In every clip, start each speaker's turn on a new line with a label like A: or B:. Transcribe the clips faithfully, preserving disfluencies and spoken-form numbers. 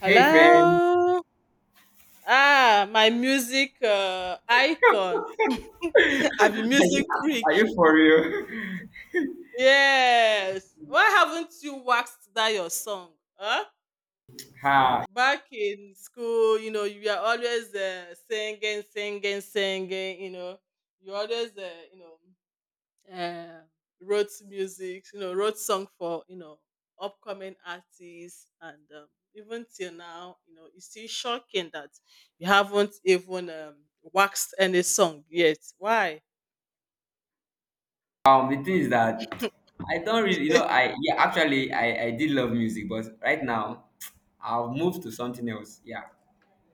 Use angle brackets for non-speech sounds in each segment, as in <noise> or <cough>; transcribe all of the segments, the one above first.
A: Hey friend,
B: Hello. Ah, my music uh, icon.
A: <laughs>
B: <laughs> I'm a
A: are you,
B: music
A: are
B: freak.
A: you for real?
B: Yes. Why haven't you waxed that your song? Huh?
A: Ha.
B: Back in school, you know, you are always uh, singing, singing, singing. You know, you always, uh, you know. uh, wrote music, you know, wrote song for you know upcoming artists, and um, even till now, you know, it's still shocking that you haven't even um, waxed any song yet. Why?
A: Um, the thing is that I don't really, you know,
B: <laughs>
A: I yeah, actually I I did love music, but right now I've moved to something else. Yeah.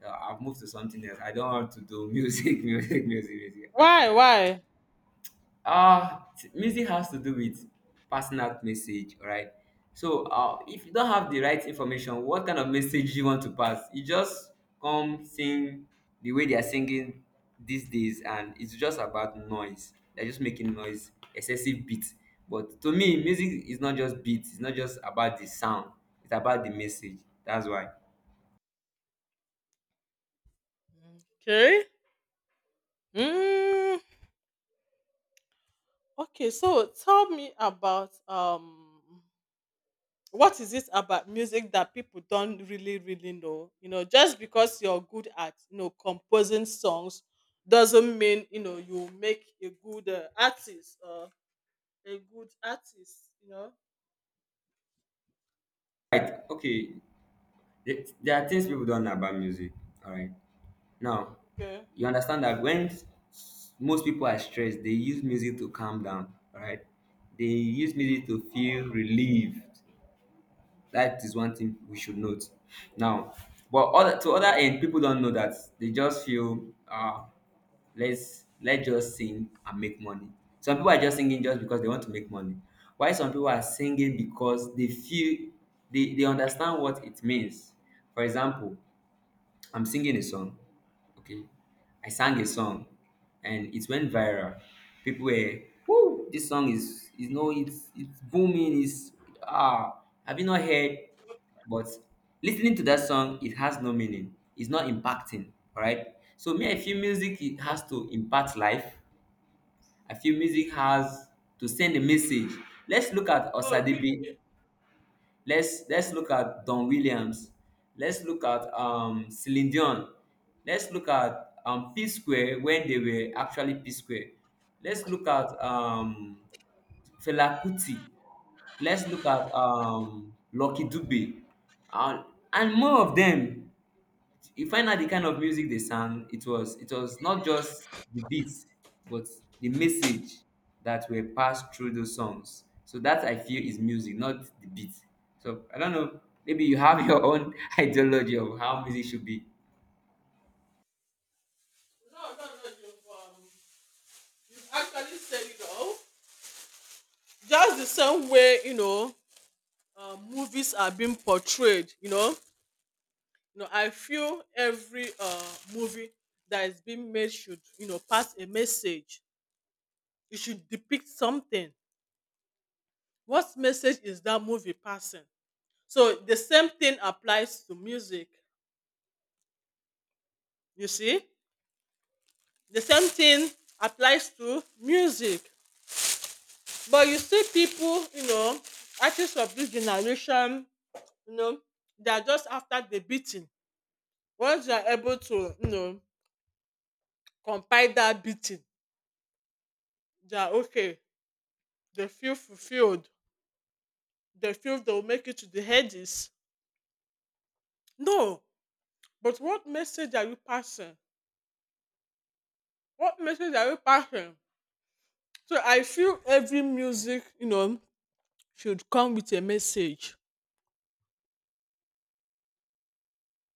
A: Uh, I've moved to something else. I don't want to do music, <laughs> music, music, music.
B: Why?
A: Actually,
B: Why?
A: Uh, t- music has to do with passing out message, all right? So, uh, if you don't have the right information, what kind of message you want to pass? You just come sing the way they are singing these days, and it's just about noise. They're just making noise, excessive beats. But to me, music is not just beats. It's not just about the sound. It's about the message. That's why.
B: Okay. Mm, okay. So tell me about um what is it about music that people don't really really know, you know, just because you're good at, you know, composing songs doesn't mean, you know, you make a good uh, artist or a good artist, you know.
A: Right? Okay. There there are things people don't know about music. All right. Now,
B: Okay.
A: you understand that when s- most people are stressed, they use music to calm down, right? They use music to feel
B: Oh,
A: relieved. That is one thing we should note. Now, but other, to other end, people don't know that they just feel, uh, let's let's just sing and make money. Some people are just singing just because they want to make money. Why some people are singing because they feel they, they understand what it means. For example, I'm singing a song. Okay. I sang a song and it went viral. People were, whoo, this song is, is no, it's, it's booming. It's, ah, have you not heard? But listening to that song, it has no meaning. It's not impacting. All right. So me, I feel music, it has to impact life. I feel music has to send a message. Let's look at
B: oh really.
A: Osadibi. Let's let's look at Don Williams. Let's look at um Celine Dion. Let's look at um P Square when they were actually P Square. Let's look at um Fela Kuti. Let's look at um Lucky Dube. And, and more of them. You find out the kind of music they sang, it was it was not just the beats but the message that were passed through those songs. So that I feel is music, not the beat. So I don't know, maybe you have your own <laughs> ideology of how music should be.
B: No no no no, you've, um, you've actually said it all, just the same way, you know, uh, movies are being portrayed, you know, you know, I feel every uh, movie that is being made should, you know, pass a message. You should depict something. What message is that movie passing? So the same thing applies to music. You see, the same thing applies to music. But you see, people, you know, artists of this generation, you know, they are just after the beating. Once they are able to, you know, compile that beating, they are okay. They feel fulfilled. They feel they will make it to the hedges. No, but what message are you passing? What message are you passing? So I feel every music, you know, should come with a message,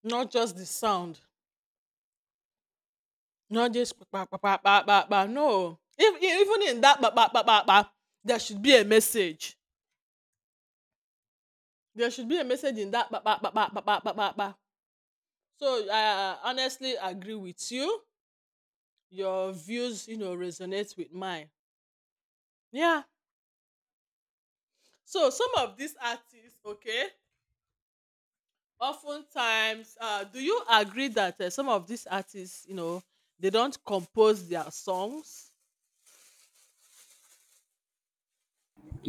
B: not just the sound, not just pa pa pa pa pa pa. No, if, even in that pa pa pa pa pa, there should be a message. There should be a message in that pa pa pa pa pa pa pa pa. Pa. So I honestly agree with you. Your views, you know, resonate with mine. Yeah. So some of these artists, okay, oftentimes, uh, do you agree that uh, some of these artists, you know, they don't compose their songs?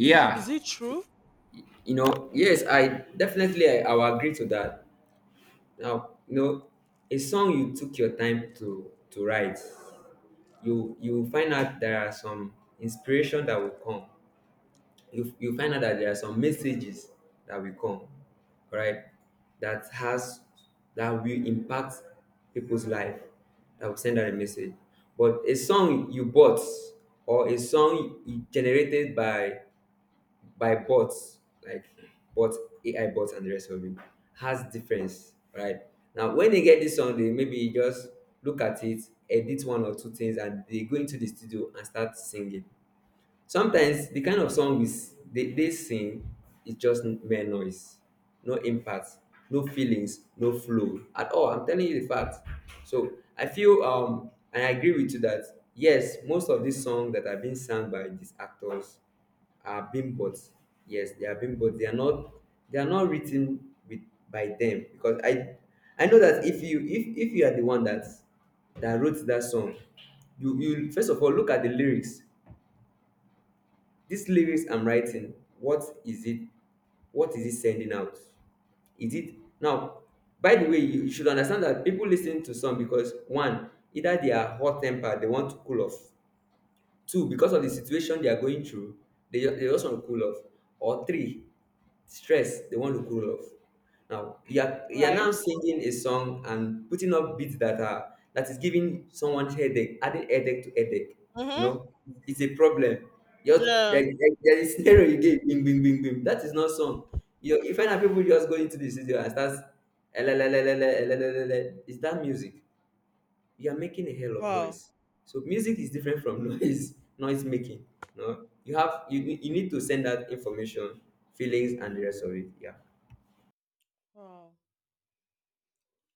B: Is it, is it true?
A: you know, yes, I definitely, i, I will agree to that. Now, you know, a song you took your time to to write, you you will find out there are some inspiration that will come. You you find out that there are some messages that will come, right? That has that will impact people's life. That will send out a message. But a song you bought or a song you- generated by by bots, like bot A I bots and the rest of it, has difference, right? Now when they get this song, they maybe just look at it, edit one or two things, and they go into the studio and start singing. Sometimes the kind of song we s- they, they sing is just mere noise, no impact, no feelings, no flow at all. I'm telling you the fact. So I feel um and I agree with you that yes, most of these songs that are being sung by these actors are being bought. Yes, they are being bought. They are not, they are not written with by them, because I I know that if you if if you are the one that that wrote that song, you you first of all look at the lyrics. These lyrics I'm writing, what is it? What is it sending out? Is it now? By the way, you you should understand that people listen to song because one, either they are hot tempered, they want to cool off. Two, because of the situation they are going through, they, ju- they just want to cool off. Or three, stress they want to cool off. Now you're you're now
B: Right?
A: singing a song and putting up beats that are that is giving someone headache, adding headache to headache. You
B: Mm-hmm.
A: know, it's a problem. Just there,
B: Yeah.
A: there, there is scenario. You get bing bing bing bing. That is not song. You you find out people just go into the studio and start elelelelele elelelele. Is that music? You are making a hell of
B: Wow.
A: noise. So music is different from <laughs> noise noise making. No, you have you you need to send out information, feelings, and the rest of it. Yeah.
B: Wow.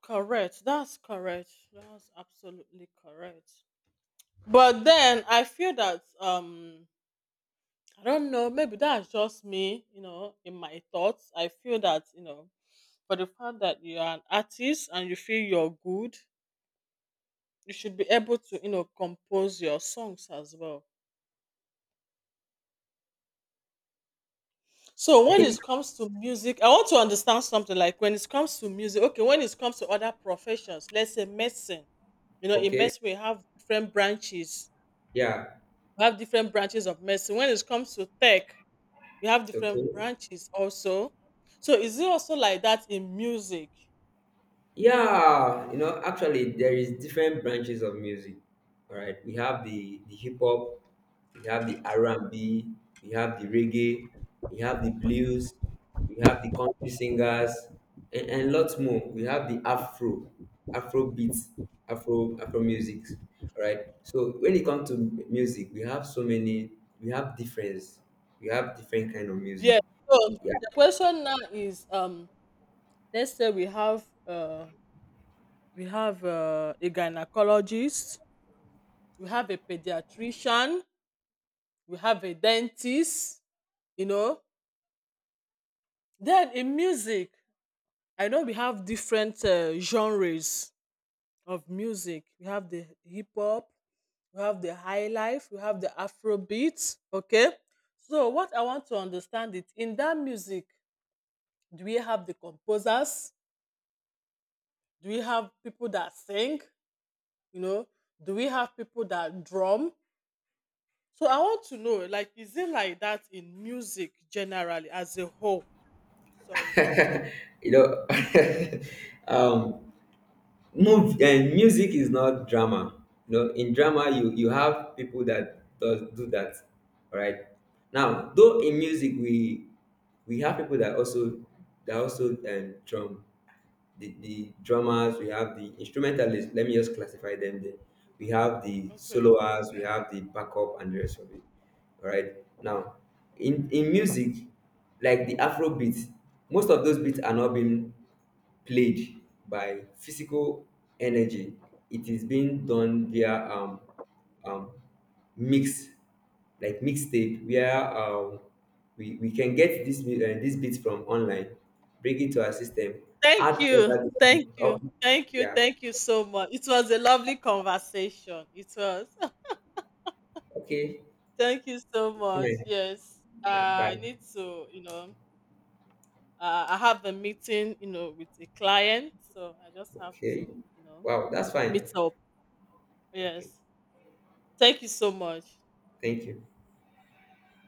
B: Correct. That's correct. That's absolutely correct. But then I feel that um I don't know, maybe that's just me, you know, in my thoughts. I feel that, you know, for the fact that you are an artist and you feel you're good, you should be able to, you know, compose your songs as well. So when it
A: <laughs>
B: comes to music, I want to understand something. Like, when it comes to music, okay, when it comes to other professions, let's say medicine, you know, in
A: Okay.
B: medicine we have different branches.
A: Yeah.
B: We have different branches of medicine. When it comes to tech, we have
A: Okay.
B: different branches also. So is it also like that in music?
A: Yeah, you know, actually, there is different branches of music. All right, we have the the hip hop, we have the R and B, we have the reggae, we have the blues, we have the country singers, and, and lots more. We have the Afro, Afro beats, Afro Afro music. All right. So when it comes to m- music, we have so many. We have difference. We have different kind of music.
B: Yeah. So the question now is, um let's say we have uh we have uh, a gynecologist, we have a pediatrician, we have a dentist, you know. Then in music, I know we have different uh, genres of music. We have the hip hop, we have the high life, we have the afro beats, okay? So what I want to understand it in that music, do we have the composers? Do we have people that sing? You know, do we have people that drum? So I want to know, like, is it like that in music generally as a whole? Sorry.
A: Yeah. <laughs> You know. <laughs> um Move, and music is not drama. You know, in drama you you have people that does do that. All right. Now though, in music, we we have people that also that also um drum, the, the drummers. We have the instrumentalists. Let me just classify them then. We have the
B: Okay.
A: soloists, we have the backup, and the rest of it. All right. Now, in in
B: Okay.
A: music, like the Afro beats, most of those beats are not being played by physical energy. It is being done via um, um, mix, like mixtape, where um, we, we can get this mu- uh, this beats from online, bring it to our system,
B: Thank
A: add
B: you.
A: other.
B: Thank
A: Oh,
B: you. Thank you.
A: yeah,
B: Thank you so much. It was a lovely conversation. It was.
A: okay,
B: <laughs> Thank you so
A: it's
B: much.
A: fine.
B: Yes.
A: Yeah,
B: I
A: bye.
B: need to, you know, uh, I have a meeting, you know, with a client. So I just have
A: Okay.
B: to, you know,
A: Wow, that's fine.
B: meet up.
A: Okay.
B: Yes. Thank you so much.
A: Thank you.